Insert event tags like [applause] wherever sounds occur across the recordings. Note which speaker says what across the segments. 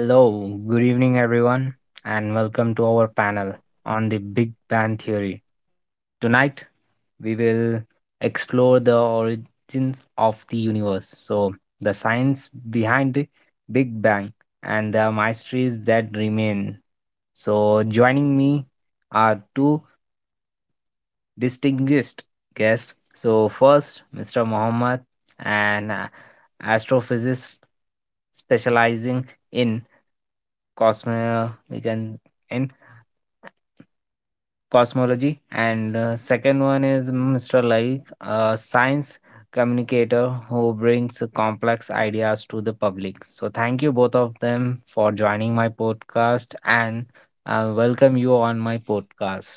Speaker 1: Good evening, everyone, and welcome to our panel on the Big Bang Theory. Tonight, we will explore the origins of the universe, so the science behind the Big Bang and the mysteries that remain. So, joining me are two distinguished guests. So, first, Mr. Mohammed, an astrophysicist specializing in Cosmo we can in cosmology, and second one is Mr. Laik, a science communicator who brings complex ideas to the public. So thank you both of them for joining my podcast, and I welcome you on my podcast.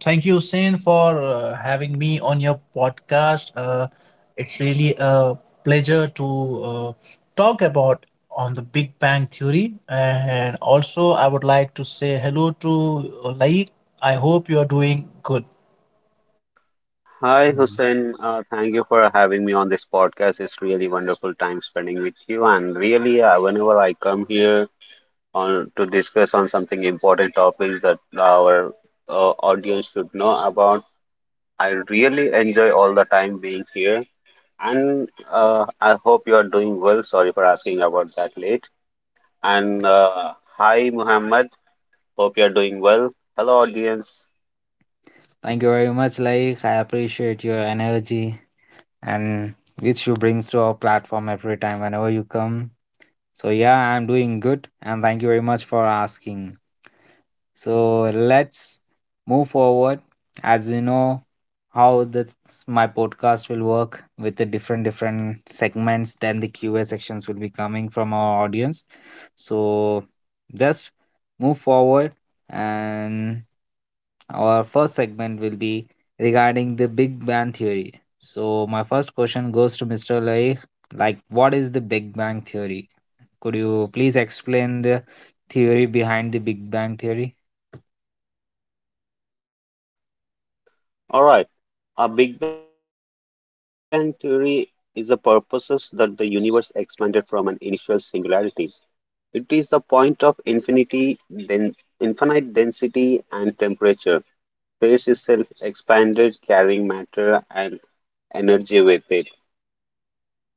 Speaker 2: Thank you, Sin, for having me on your podcast. It's really a pleasure to talk about on the Big Bang Theory. And also, I would like to say hello to Laik. I hope you are doing good.
Speaker 3: Hi,
Speaker 1: Um,
Speaker 3: Hussein. Thank you for having me on this podcast. It's really wonderful time spending with you. And really, whenever I come here on to discuss on something important topics that our audience should know about, I really enjoy all the time being here. And I hope you are doing well. Sorry for asking about that late. And hi, Muhammad. Hope you are doing well. Hello, audience.
Speaker 1: Thank you very much, like, I appreciate your energy and which you brings to our platform every time whenever you come. So, yeah, I'm doing good and thank you very much for asking. So, let's move forward. As you know, how this my podcast will work with the different different segments, then the QA sections will be coming from our audience. So, just move forward and our first segment will be regarding the Big Bang Theory. So, my first question goes to Mr. Laik, like, what is the Big Bang Theory? Could you please explain the theory behind the Big Bang Theory?
Speaker 3: All right. A Big Bang theory is a purposes that the universe expanded from an initial singularity. It is the point of infinity, then infinite density and temperature. Space itself expanded, carrying matter and energy with it.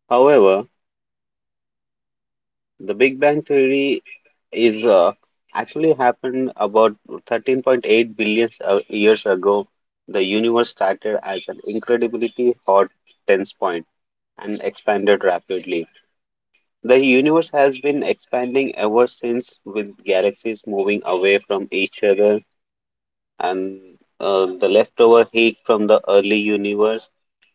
Speaker 3: However, the Big Bang theory is actually happened about 13.8 billion years ago. The universe started as an incredibly hot tense point and expanded rapidly. The universe has been expanding ever since, with galaxies moving away from each other, and the leftover heat from the early universe,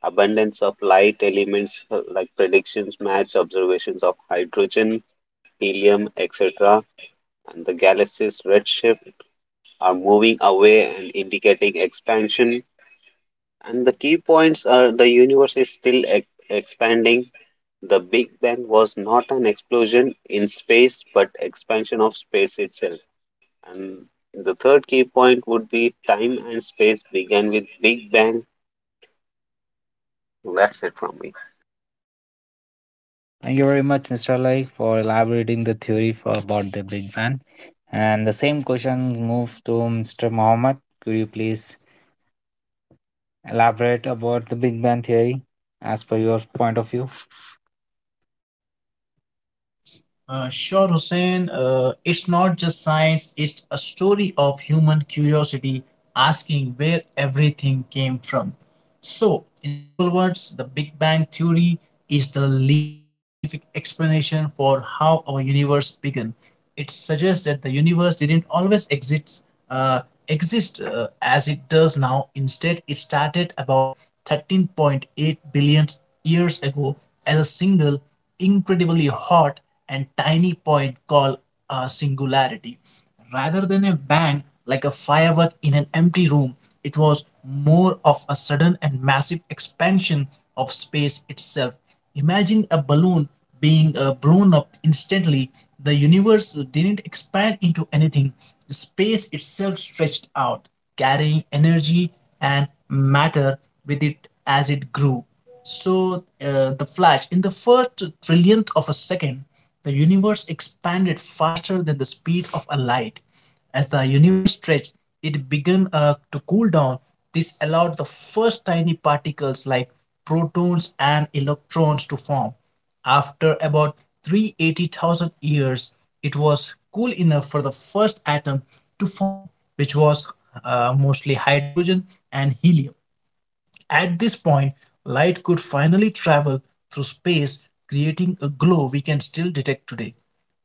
Speaker 3: abundance of light elements like predictions match observations of hydrogen, helium, etc., and the galaxy's redshift are moving away and indicating expansion. And the key points are the universe is still expanding. The Big Bang was not an explosion in space but expansion of space itself. And the third key point would be time and space began with Big Bang. That's it from me.
Speaker 1: Thank you very much, Mr. Laik, for elaborating the theory for about the Big Bang. And the same question moves to Mr. Mohammed. Could you please elaborate about the Big Bang Theory as per your point of view?
Speaker 2: Sure, Hussein. It's not just science, it's a story of human curiosity asking where everything came from. So, in simple words, the Big Bang Theory is the leading scientific explanation for how our universe began. It suggests that the universe didn't always exist, as it does now. Instead, it started about 13.8 billion years ago as a single incredibly hot and tiny point called a singularity. Rather than a bang like a firework in an empty room, it was more of a sudden and massive expansion of space itself. Imagine a balloon being blown up instantly. The universe didn't expand into anything, the space itself stretched out, carrying energy and matter with it as it grew. So, the flash, in the first trillionth of a second, the universe expanded faster than the speed of a light. As the universe stretched, it began to cool down. This allowed the first tiny particles like protons and electrons to form. After about 380,000 years, it was cool enough for the first atom to form, which was mostly hydrogen and helium. At this point, light could finally travel through space, creating a glow we can still detect today.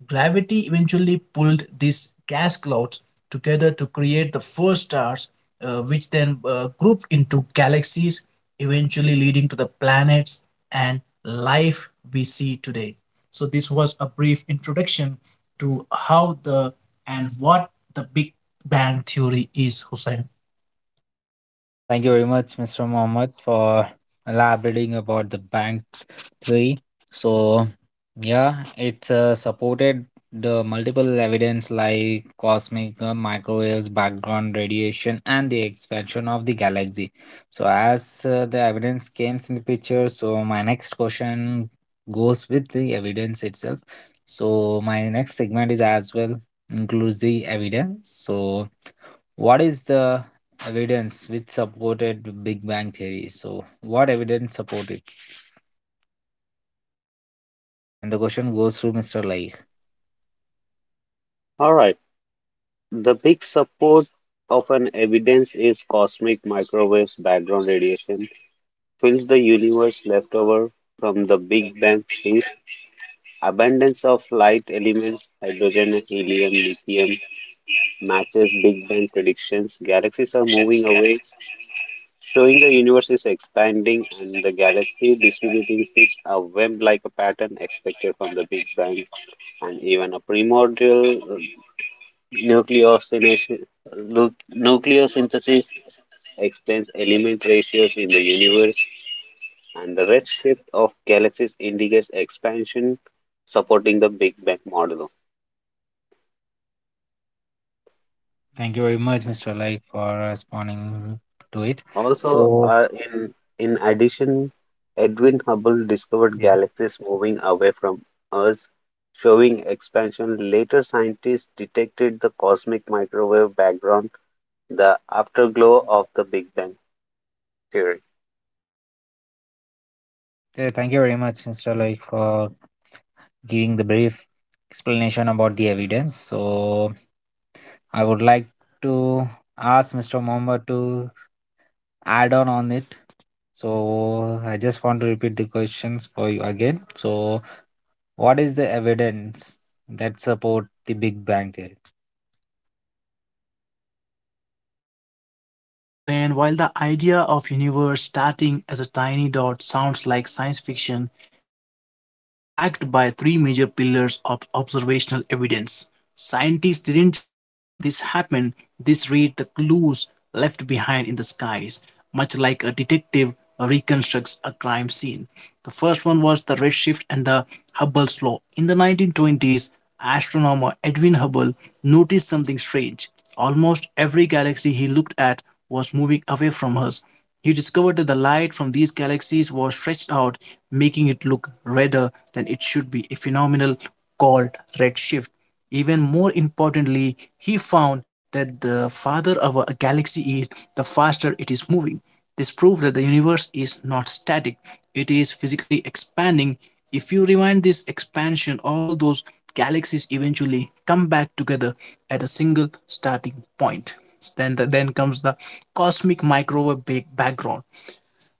Speaker 2: Gravity eventually pulled these gas clouds together to create the first stars, which then grouped into galaxies, eventually leading to the planets and life we see today. So, this was a brief introduction to how the and what the Big Bang Theory is, Hussein.
Speaker 1: Thank you very much, Mr. Mohammed, for elaborating about the bank theory. So, yeah, it's supported the multiple evidence like cosmic microwaves, background radiation, and the expansion of the galaxy. So, as the evidence came in the picture, so my next question goes with the evidence itself. So, my next segment is as well includes the evidence. So, what is the evidence which supported Big Bang theory? So, what evidence support it? And the question goes through Mr. Like.
Speaker 3: All right. The big support of an evidence is cosmic microwaves background radiation fills the universe left over from the Big Bang theory. Abundance of light elements, hydrogen, helium, lithium matches Big Bang predictions. Galaxies are moving away, showing the universe is expanding, and the galaxy distributing it a web like a pattern expected from the Big Bang, and even a primordial nucleosynthesis, nucleosynthesis explains element ratios in the universe, and the redshift of galaxies indicates expansion, supporting the Big Bang model.
Speaker 1: Thank you very much, Mr. Like, for responding to it.
Speaker 3: Also,
Speaker 1: So,
Speaker 3: in addition, Edwin Hubble discovered
Speaker 1: yeah,
Speaker 3: galaxies moving away from us, showing expansion. Later, scientists detected the cosmic microwave background, the afterglow of the Big Bang theory.
Speaker 1: yeah, thank you very much, Mr. Like, for giving the brief explanation about the evidence. So, I would like to ask Mr. Mohammed to add on it. So, I just want to repeat the questions for you again. So, what is the evidence that support the Big Bang theory?
Speaker 2: So, Hussein, while the idea of universe starting as a tiny dot sounds like science fiction, it is backed by three major pillars of observational evidence. Scientists didn't just guess this happened, they read the clues left behind in the skies, much like a detective reconstructs a crime scene. The first one was the redshift and the Hubble's law. In the 1920s, astronomer Edwin Hubble noticed something strange. Almost every galaxy he looked at was moving away from us. He discovered that the light from these galaxies was stretched out, making it look redder than it should be, a phenomenon called redshift. Even more importantly, he found that the farther our galaxy is, the faster it is moving. This proves that the universe is not static, it is physically expanding. If you rewind this expansion, all those galaxies eventually come back together at a single starting point. Then comes the cosmic microwave background.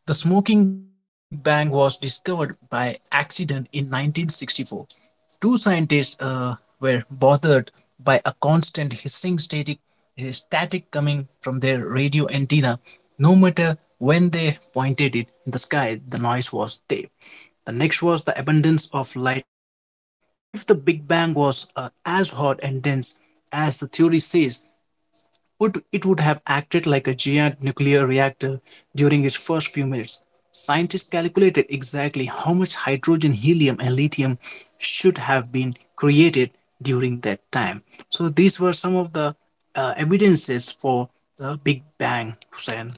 Speaker 2: The smoking gun for the Big Bang was discovered by accident in 1964. Two scientists were bothered by a constant hissing static coming from their radio antenna. No matter when they pointed it in the sky, the noise was there. The next was the abundance of light elements. If the Big Bang was as hot and dense as the theory says, would it would have acted like a giant nuclear reactor during its first few minutes. Scientists calculated exactly how much hydrogen, helium, and lithium should have been created during that time. So these were some of the evidences for the Big Bang, Hussein.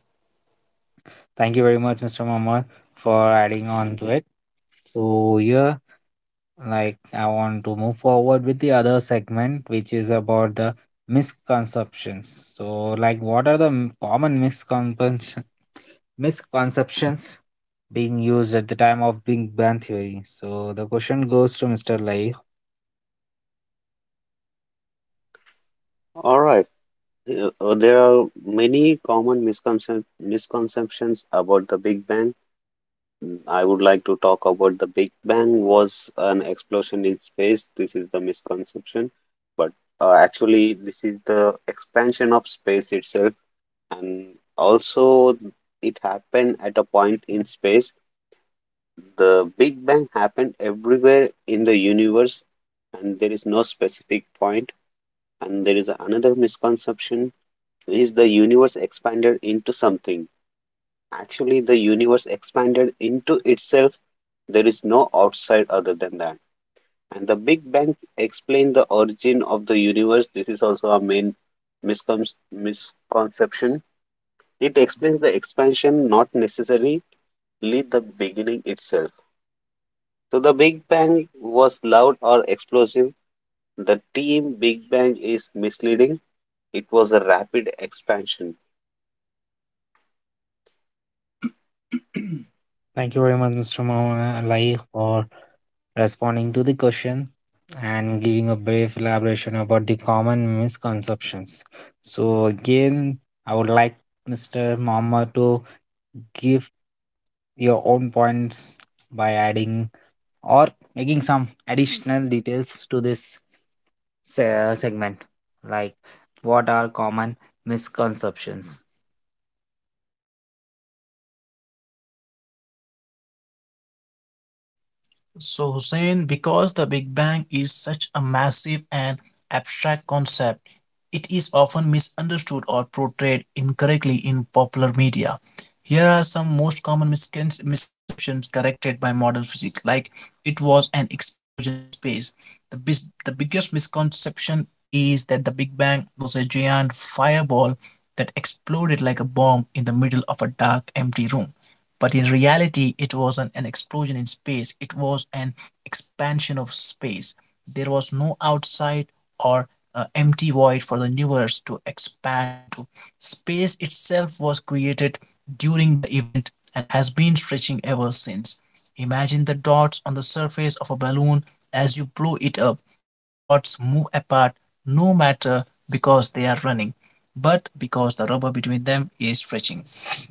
Speaker 1: Thank you very much, Mr. Mohammed, for adding on to it. So here, like, I want to move forward with the other segment, which is about the misconceptions. So, like, what are the common misconceptions being used at the time of Big Bang Theory. So the question goes to Mr. Lai.
Speaker 3: All right. There are many common misconcep misconceptions about the Big Bang. Mm, I would like to talk about the Big Bang was an explosion in space. This is the misconception, but actually, this is the expansion of space itself, and also it happened at a point in space. The Big Bang happened everywhere in the universe, and there is no specific point. And there is another misconception: is the universe expanded into something? Actually, the universe expanded into itself. There is no outside other than that. And the Big Bang explained the origin of the universe. This is also a main miscon- misconception. It explains the expansion, not necessarily the beginning itself. So the Big Bang was loud or explosive. The team Big Bang is misleading. It was a rapid expansion.
Speaker 1: Thank you very much, Mr. Lai, for responding to the question and giving a brief elaboration about the common misconceptions. So again, I would like Mr. Mama to give your own points by adding or making some additional details to this segment, like what are common misconceptions.
Speaker 2: So, Hussein, because the Big Bang is such a massive and abstract concept, it is often misunderstood or portrayed incorrectly in popular media. Here are some most common misconceptions corrected by modern physics, like it was an explosion in space. The biggest misconception is that the Big Bang was a giant fireball that exploded like a bomb in the middle of a dark, empty room. But in reality, it wasn't an explosion in space, it was an expansion of space. There was no outside or empty void for the universe to expand into. Space itself was created during the event and has been stretching ever since. Imagine the dots on the surface of a balloon as you blow it up. The dots move apart no matter because they are running, but because the rubber between them is stretching.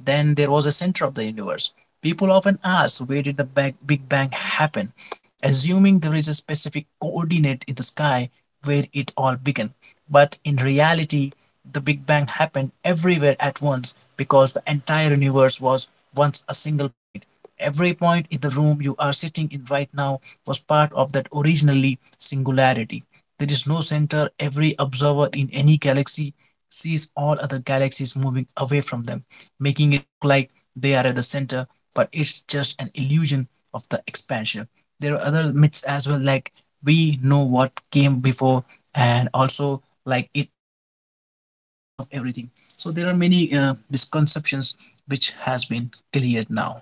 Speaker 2: Then there was a center of the universe. People often ask where did the Big Bang happen, assuming there is a specific coordinate in the sky where it all began. But in reality, the Big Bang happened everywhere at once because the entire universe was once a single point. Every point in the room you are sitting in right now was part of that originally singularity. There is no center. Every observer in any galaxy sees all other galaxies moving away from them, making it look like they are at the center, but it's just an illusion of the expansion. There are other myths as well, like we know what came before, and also like it explains the origin of everything. So there are many misconceptions which has been cleared now.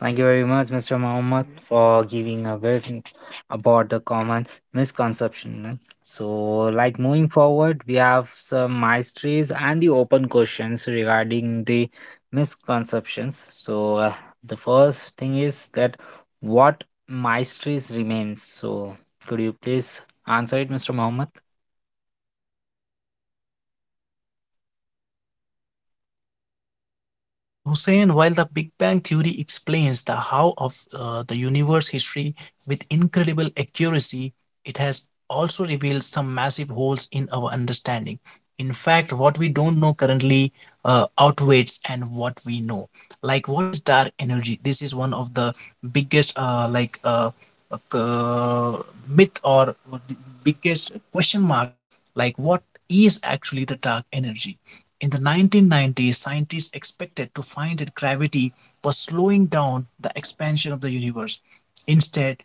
Speaker 1: Thank you very much, Mr. Mohammed, for giving a briefing about the common misconception, man. So, like, moving forward, we have some mysteries and the open questions regarding the misconceptions. So, the first thing is that what mysteries remains. So, could you please answer it, Mr. Mohammed?
Speaker 2: So, Hussein, while the Big Bang theory explains the how of the universe history with incredible accuracy, it has also revealed some massive holes in our understanding. In fact, what we don't know currently outweighs and what we know. Like, what is dark energy? This is one of the biggest uh, myth or the biggest question mark, like what is actually the dark energy. In the 1990s, scientists expected to find that gravity was slowing down the expansion of the universe. Instead,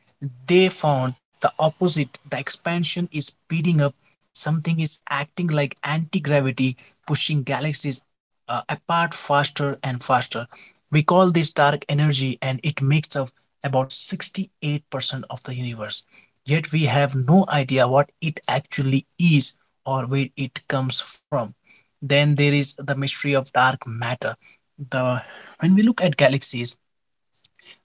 Speaker 2: they found the opposite, the expansion is speeding up. Something is acting like anti gravity, pushing galaxies apart faster and faster. We call this dark energy, and it makes up about 68% of the universe. Yet we have no idea what it actually is or where it comes from. Then there is the mystery of dark matter. The when we look at galaxies,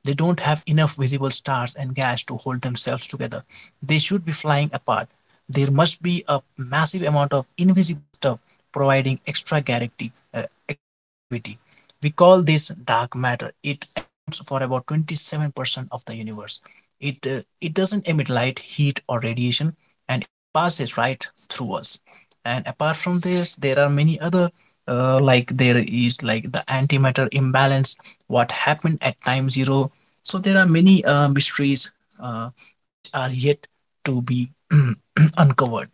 Speaker 2: they don't have enough visible stars and gas to hold themselves together. They should be flying apart. There must be a massive amount of invisible stuff providing extra gravity. We call this dark matter. It accounts for about 27% of the universe. It doesn't emit light, heat, or radiation, and it passes right through us. And apart from this, there are many other like there is like the antimatter imbalance, what happened at time zero. So there are many mysteries uh, which are yet to be [clears throat] uncovered.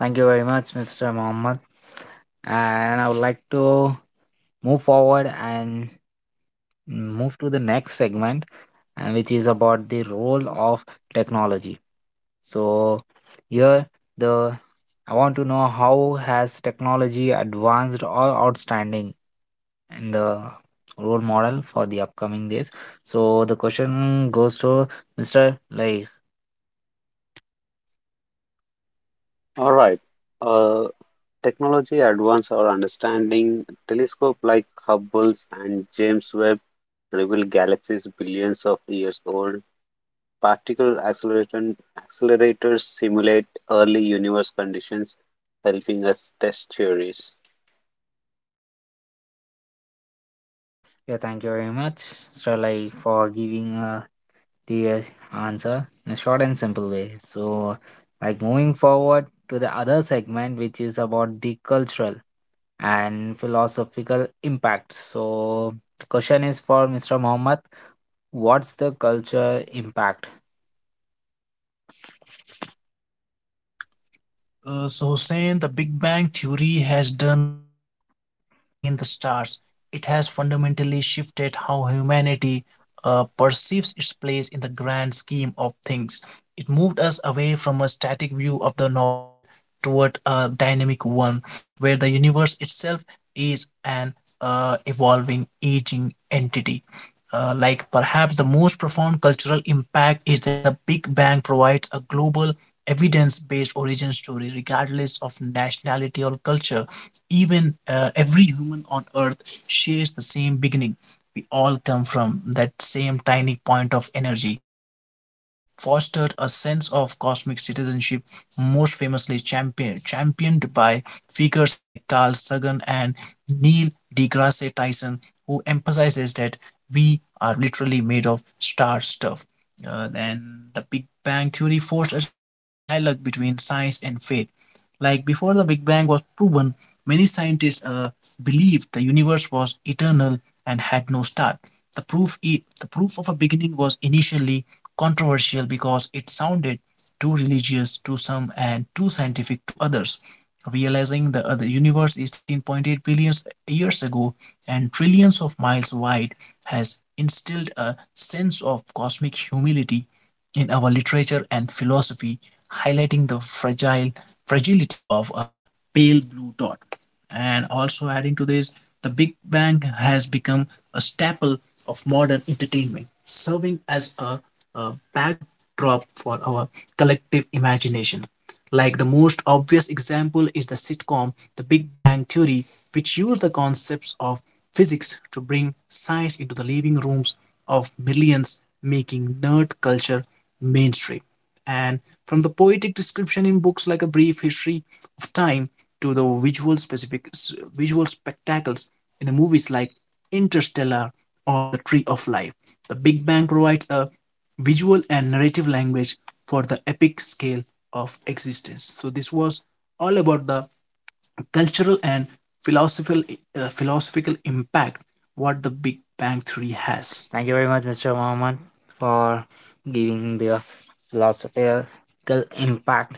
Speaker 1: Thank you very much, Mr. Mohammed. And I would like to move forward and move to the next segment, and which is about the role of technology. So here the I want to know how has technology advanced or outstanding in the role model for the upcoming days. So the question goes to Mr. Like.
Speaker 3: All right. Uh, Technology advanced our understanding. Telescope like Hubble's and James Webb reveal galaxies billions of years old. Particle accelerator- accelerators simulate early universe conditions, helping us test theories.
Speaker 1: Yeah, thank you very much, Mr. Like, for giving a the answer in a short and simple way. So, like, moving forward to the other segment, which is about the cultural and philosophical impact. So, the question is for Mr. Mohammed. What's the culture impact?
Speaker 2: So, Hussein, the Big Bang Theory has done more than just explain the stars. It has fundamentally shifted how humanity perceives its place in the grand scheme of things. It moved us away from a static view of the world toward a dynamic one, where the universe itself is an evolving, aging entity. Like perhaps the most profound cultural impact is that the Big Bang provides a global evidence based origin story, regardless of nationality or culture. Even every human on earth shares the same beginning. We all come from that same tiny point of energy. This has fostered a sense of cosmic citizenship, most famously championed by figures like Carl Sagan and Neil deGrasse Tyson, who emphasizes that we are literally made of star stuff. Then the Big Bang Theory forced a fascinating dialogue between science and faith. Like before the Big Bang was proven, many scientists believed the universe was eternal and had no start. The proof of a beginning was initially controversial because it sounded too religious to some and too scientific to others. Realizing the other universe is 13.8 billion years ago and trillions of miles wide has instilled a sense of cosmic humility in our literature and philosophy, highlighting the fragile fragility of a pale blue dot. And also adding to this, the Big Bang has become a staple of modern entertainment, serving as a backdrop for our collective imagination. Like the most obvious example is the sitcom The Big Bang Theory, which used the concepts of physics to bring science into the living rooms of millions, making nerd culture mainstream. And from the poetic description in books like A Brief History of Time to the visual spectacles in movies like Interstellar or The Tree of Life, The Big Bang provides a visual and narrative language for the epic scale of existence. So this was all about the cultural and philosophical philosophical impact what the Big Bang Theory has.
Speaker 1: Thank you very much, Mr. Mohammed, for giving the philosophical impact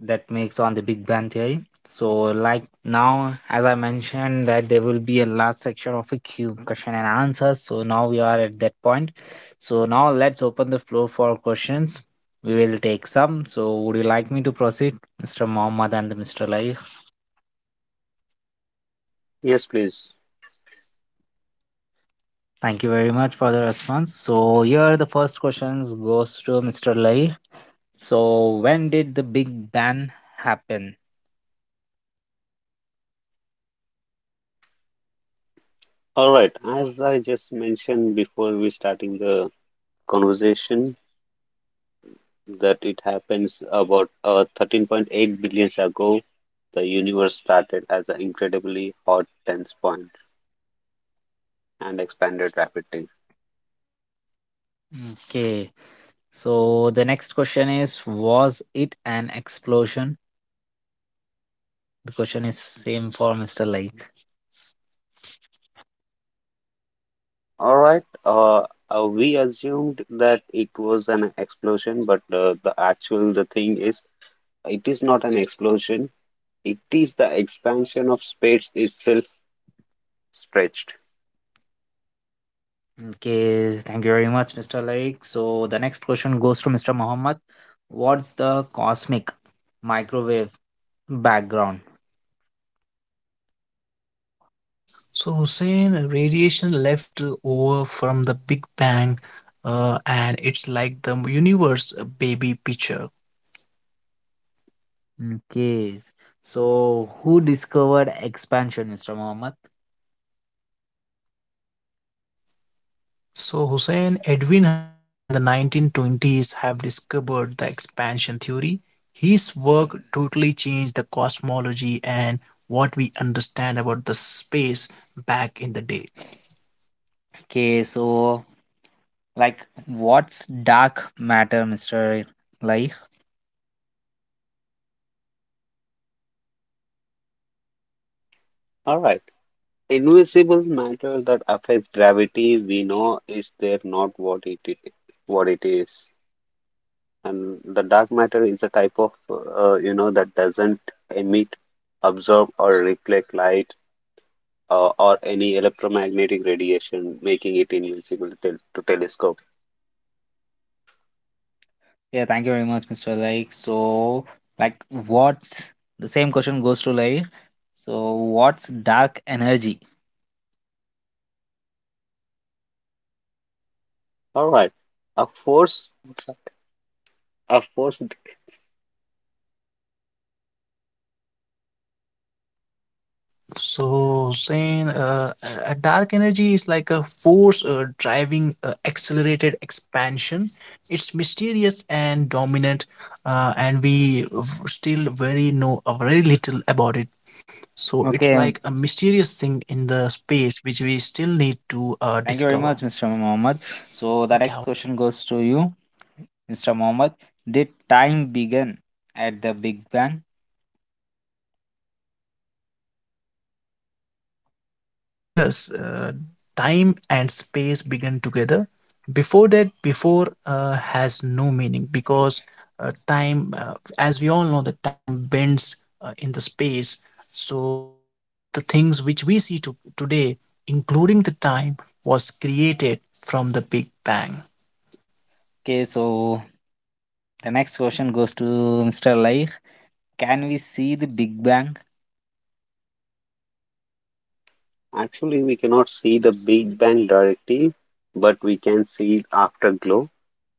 Speaker 1: that makes on the Big Bang Theory. So, like, now, as I mentioned, that there will be a last section of a Q question and answers. So now we are at that point. So now let's open the floor for questions. We will take some. So would you like me to proceed, Mr. Mohammed and Mr. Lai?
Speaker 3: Yes, please.
Speaker 1: Thank you very much for the response. So here the first questions goes to Mr. Lai. So when did the Big Bang happen?
Speaker 3: All right. As I just mentioned before we starting the conversation, that it happens about 13.8 billion years ago, the universe started as an incredibly hot dense point and expanded rapidly.
Speaker 1: Okay. So the next question is, was it an explosion? The question is same for Mr. Lake.
Speaker 3: All right, we assumed that it was an explosion, but the actual the thing is, it is not an explosion. It is the expansion of space itself stretched.
Speaker 1: Okay, thank you very much, Mr. Lake. So the next question goes to Mr. Muhammad. What's the cosmic microwave background?
Speaker 2: So Hussein, radiation left over from the Big Bang, and it's like the universe baby picture.
Speaker 1: Okay. So who discovered expansion, Mr. Muhammad?
Speaker 2: So, Hussein, Edwin Hubble in the 1920s have discovered the expansion theory. His work totally changed the cosmology and what we understand about the space back in the day.
Speaker 1: Okay, so like, what's dark matter, Mr. Lake?
Speaker 3: All right, invisible matter that affects gravity, we know is there, not what it is. And the dark matter is a type of you know that doesn't emit, absorb, or reflect light or any electromagnetic radiation, making it invincible to telescope.
Speaker 1: Yeah, thank you very much, Mr. Like. So, like, what's the same question goes to like, so what's dark energy?
Speaker 3: All right. Of course, of course,
Speaker 2: So, Hussein, a dark energy is like a force driving accelerated expansion. It's mysterious and dominant, and we v- still very know very little about it. So it's
Speaker 1: Okay,
Speaker 2: like a mysterious thing in the space which we still need to
Speaker 1: thank you very
Speaker 2: discover.
Speaker 1: much, Mr. Mohammed. So, the next question goes to you, Mr. Mohammed. Did time begin at the Big Bang?
Speaker 2: Hussein, yes, time and space begin together. Before that, before has no meaning because time, as we all know, the time bends in the space. So the all the things which we see to, today, including the time, was created from the Big Bang.
Speaker 1: Okay, so the next question goes to Mr. Like. Can we see the Big Bang?
Speaker 3: actually, we cannot see the Big Bang directly, but we can see it afterglow.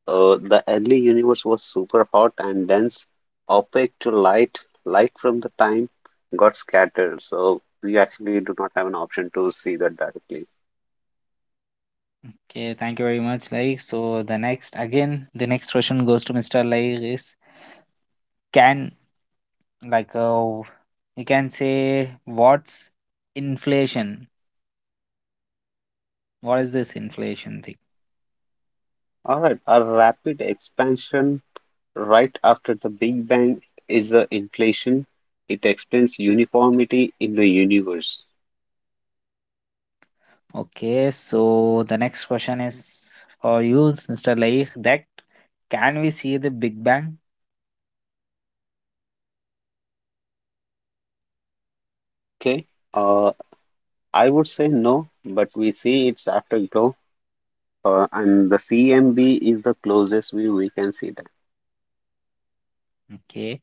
Speaker 3: The early universe was super hot and dense, opaque to light. Light from the time got scattered, so we actually do not have an option to see that directly.
Speaker 1: Okay, thank you very much, Like. So, the next question goes to Mr. Like is, can like uh, you can say what's inflation, what is this inflation thing?
Speaker 3: All right, a rapid expansion right after the Big Bang is the inflation. It explains uniformity in the universe.
Speaker 1: Okay, so the next question is for you, Mr. Laik, that can we see the Big Bang?
Speaker 3: Okay, uh, I would say no, but we see its afterglow, and the CMB is the closest we can see that.
Speaker 1: Okay,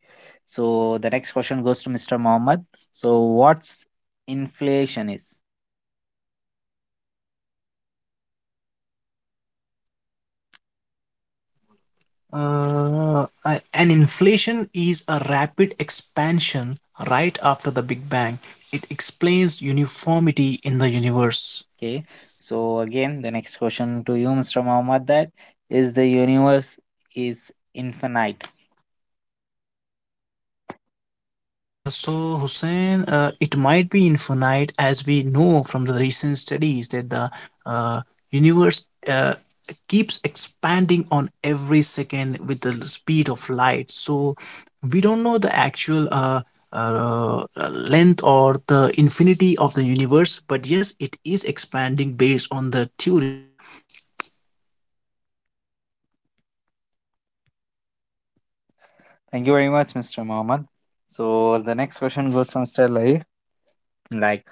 Speaker 1: so the next question goes to Mr. Mohammed. So what's inflation is?
Speaker 2: An inflation is a rapid expansion right after the Big Bang. It explains uniformity in the universe.
Speaker 1: Okay, so again, the next question to you, Mr. Mohammed, that is the universe is infinite?
Speaker 2: So, Hussein, it might be infinite as we know from the recent studies that the uh, universe keeps expanding on every second with the speed of light. So, we don't know the actual length or the infinity of the universe, but yes, it is expanding based on the theories.
Speaker 1: Thank you very much, Mr. Mohammed. So the next question goes from Mr. Lai. Like,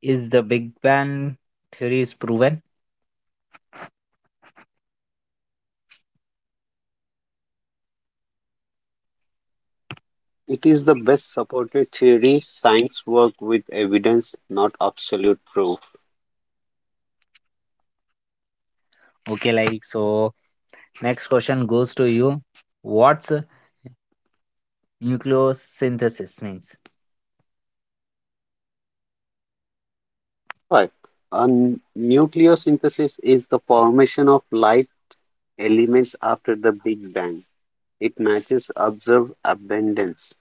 Speaker 1: is the Big Bang theory is proven?
Speaker 3: It is the best supported theory, science work with evidence, not absolute proof.
Speaker 1: Okay, like, so next question goes to you. What's nucleosynthesis means?
Speaker 3: All right, uh, nucleosynthesis is the formation of life elements after the Big Bang. It matches observed abundance.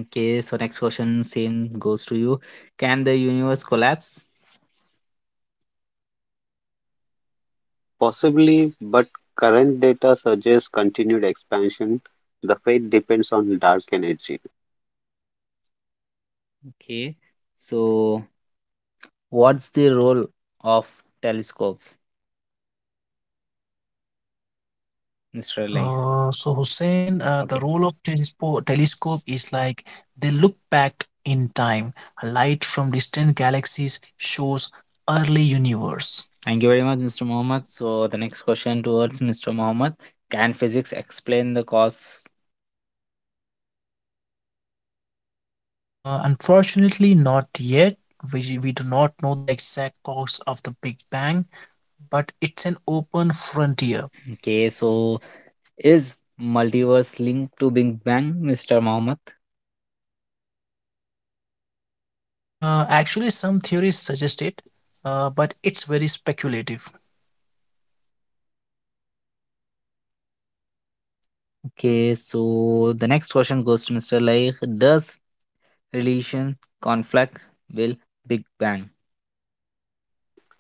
Speaker 1: Okay, so next question same goes to you. Can the universe collapse?
Speaker 3: Possibly, but current data suggests continued expansion. The fate depends on dark energy.
Speaker 1: Okay, so what's the role of telescopes, Mr. Like?
Speaker 2: So, Hussein, the
Speaker 1: Okay.
Speaker 2: role of telescope is like they look back in time. Light from distant galaxies shows early universe.
Speaker 1: Thank you very much, Mr. Mohammed. So the next question towards Mr. Mohammed: can physics explain the cause?
Speaker 2: Unfortunately, not yet. We do not know the exact cause of the Big Bang, but it's an open frontier.
Speaker 1: Okay, so is multiverse linked to Big Bang, Mr. Mohammed?
Speaker 2: Actually, some theories suggest it, but it's very speculative.
Speaker 1: Okay, so the next question goes to Mr. Laik. Does relation conflict will Big Bang?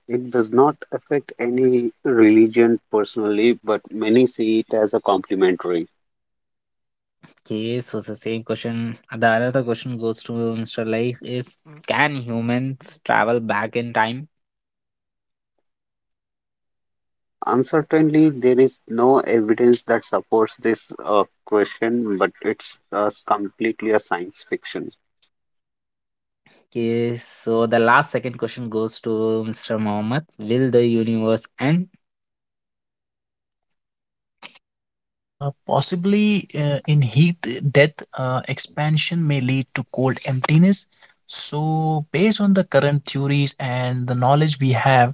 Speaker 3: It does not affect any religion personally, but many see it as a complementary.
Speaker 1: Okay, so the same question. the another question goes to Mr. Laik is, can humans travel back in time?
Speaker 3: Uncertainly, there is no evidence that supports this question, but it's completely a science fiction.
Speaker 1: Okay, so the last second question goes to Mr. Mohammed. Will the universe end?
Speaker 2: Possibly in heat death, expansion may lead to cold emptiness. So, based on the current theories and the knowledge we have,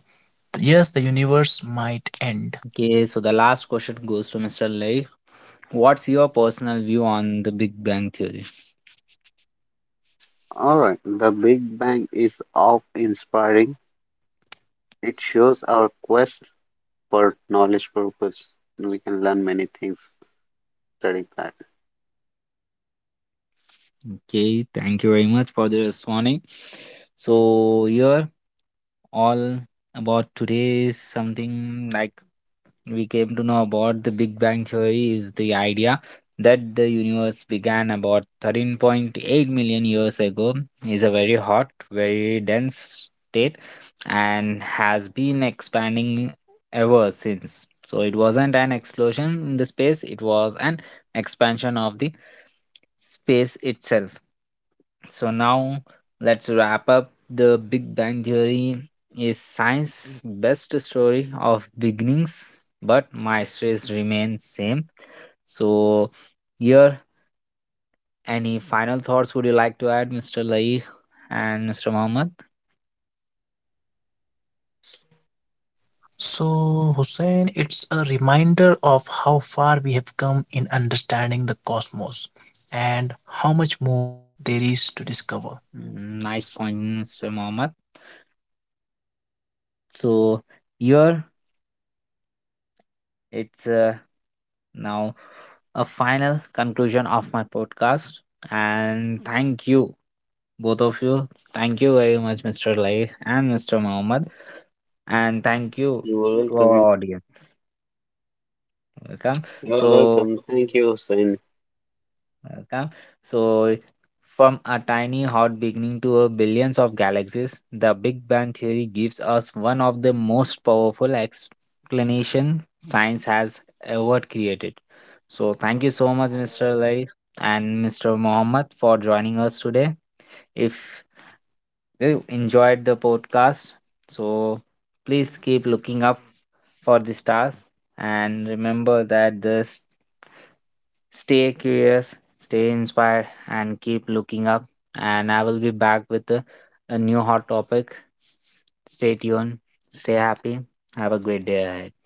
Speaker 2: yes, the universe might end.
Speaker 1: Okay, so the last question goes to Mr. Lay. What's your personal view on the Big Bang Theory?
Speaker 3: All right, the Big Bang is awe inspiring. It shows our quest for knowledge purpose. We can learn many things studying that.
Speaker 1: Okay, thank you very much for the responding. So here all about today is something like we came to know about the Big Bang Theory is the idea that the universe began about 13.8 million years ago, is a very hot, very dense state, and has been expanding ever since. So it wasn't an explosion in the space, it was an expansion of the space itself. So now let's wrap up. The Big Bang Theory is science's best story of beginnings, but my stress remains same. So here, any final thoughts would you like to add, Mr. Lai and Mr. Mohammed?
Speaker 2: So, Hussein, it's a reminder of how far we have come in understanding the cosmos and how much more there is to discover.
Speaker 1: Mm, nice point, Mr. Mohammed. So here it's now a final conclusion of my podcast, and thank you both of you. Thank you very much, Mr. Lai and Mr. Mohammed, and thank you
Speaker 3: You're
Speaker 1: to our
Speaker 3: welcome.
Speaker 1: audience. Welcome.
Speaker 3: You're
Speaker 1: So,
Speaker 3: welcome. Thank you, Hussein.
Speaker 1: welcome. So, from a tiny hot beginning to a billions of galaxies, the Big Bang theory gives us one of the most powerful explanation science has ever created. So, thank you so much, Mr. Lai and Mr. Mohammed, for joining us today. If you enjoyed the podcast. So please keep looking up for the stars and remember that this stay curious, stay inspired, and keep looking up. And I will be back with a new hot topic. Stay tuned, stay happy, have a great day ahead.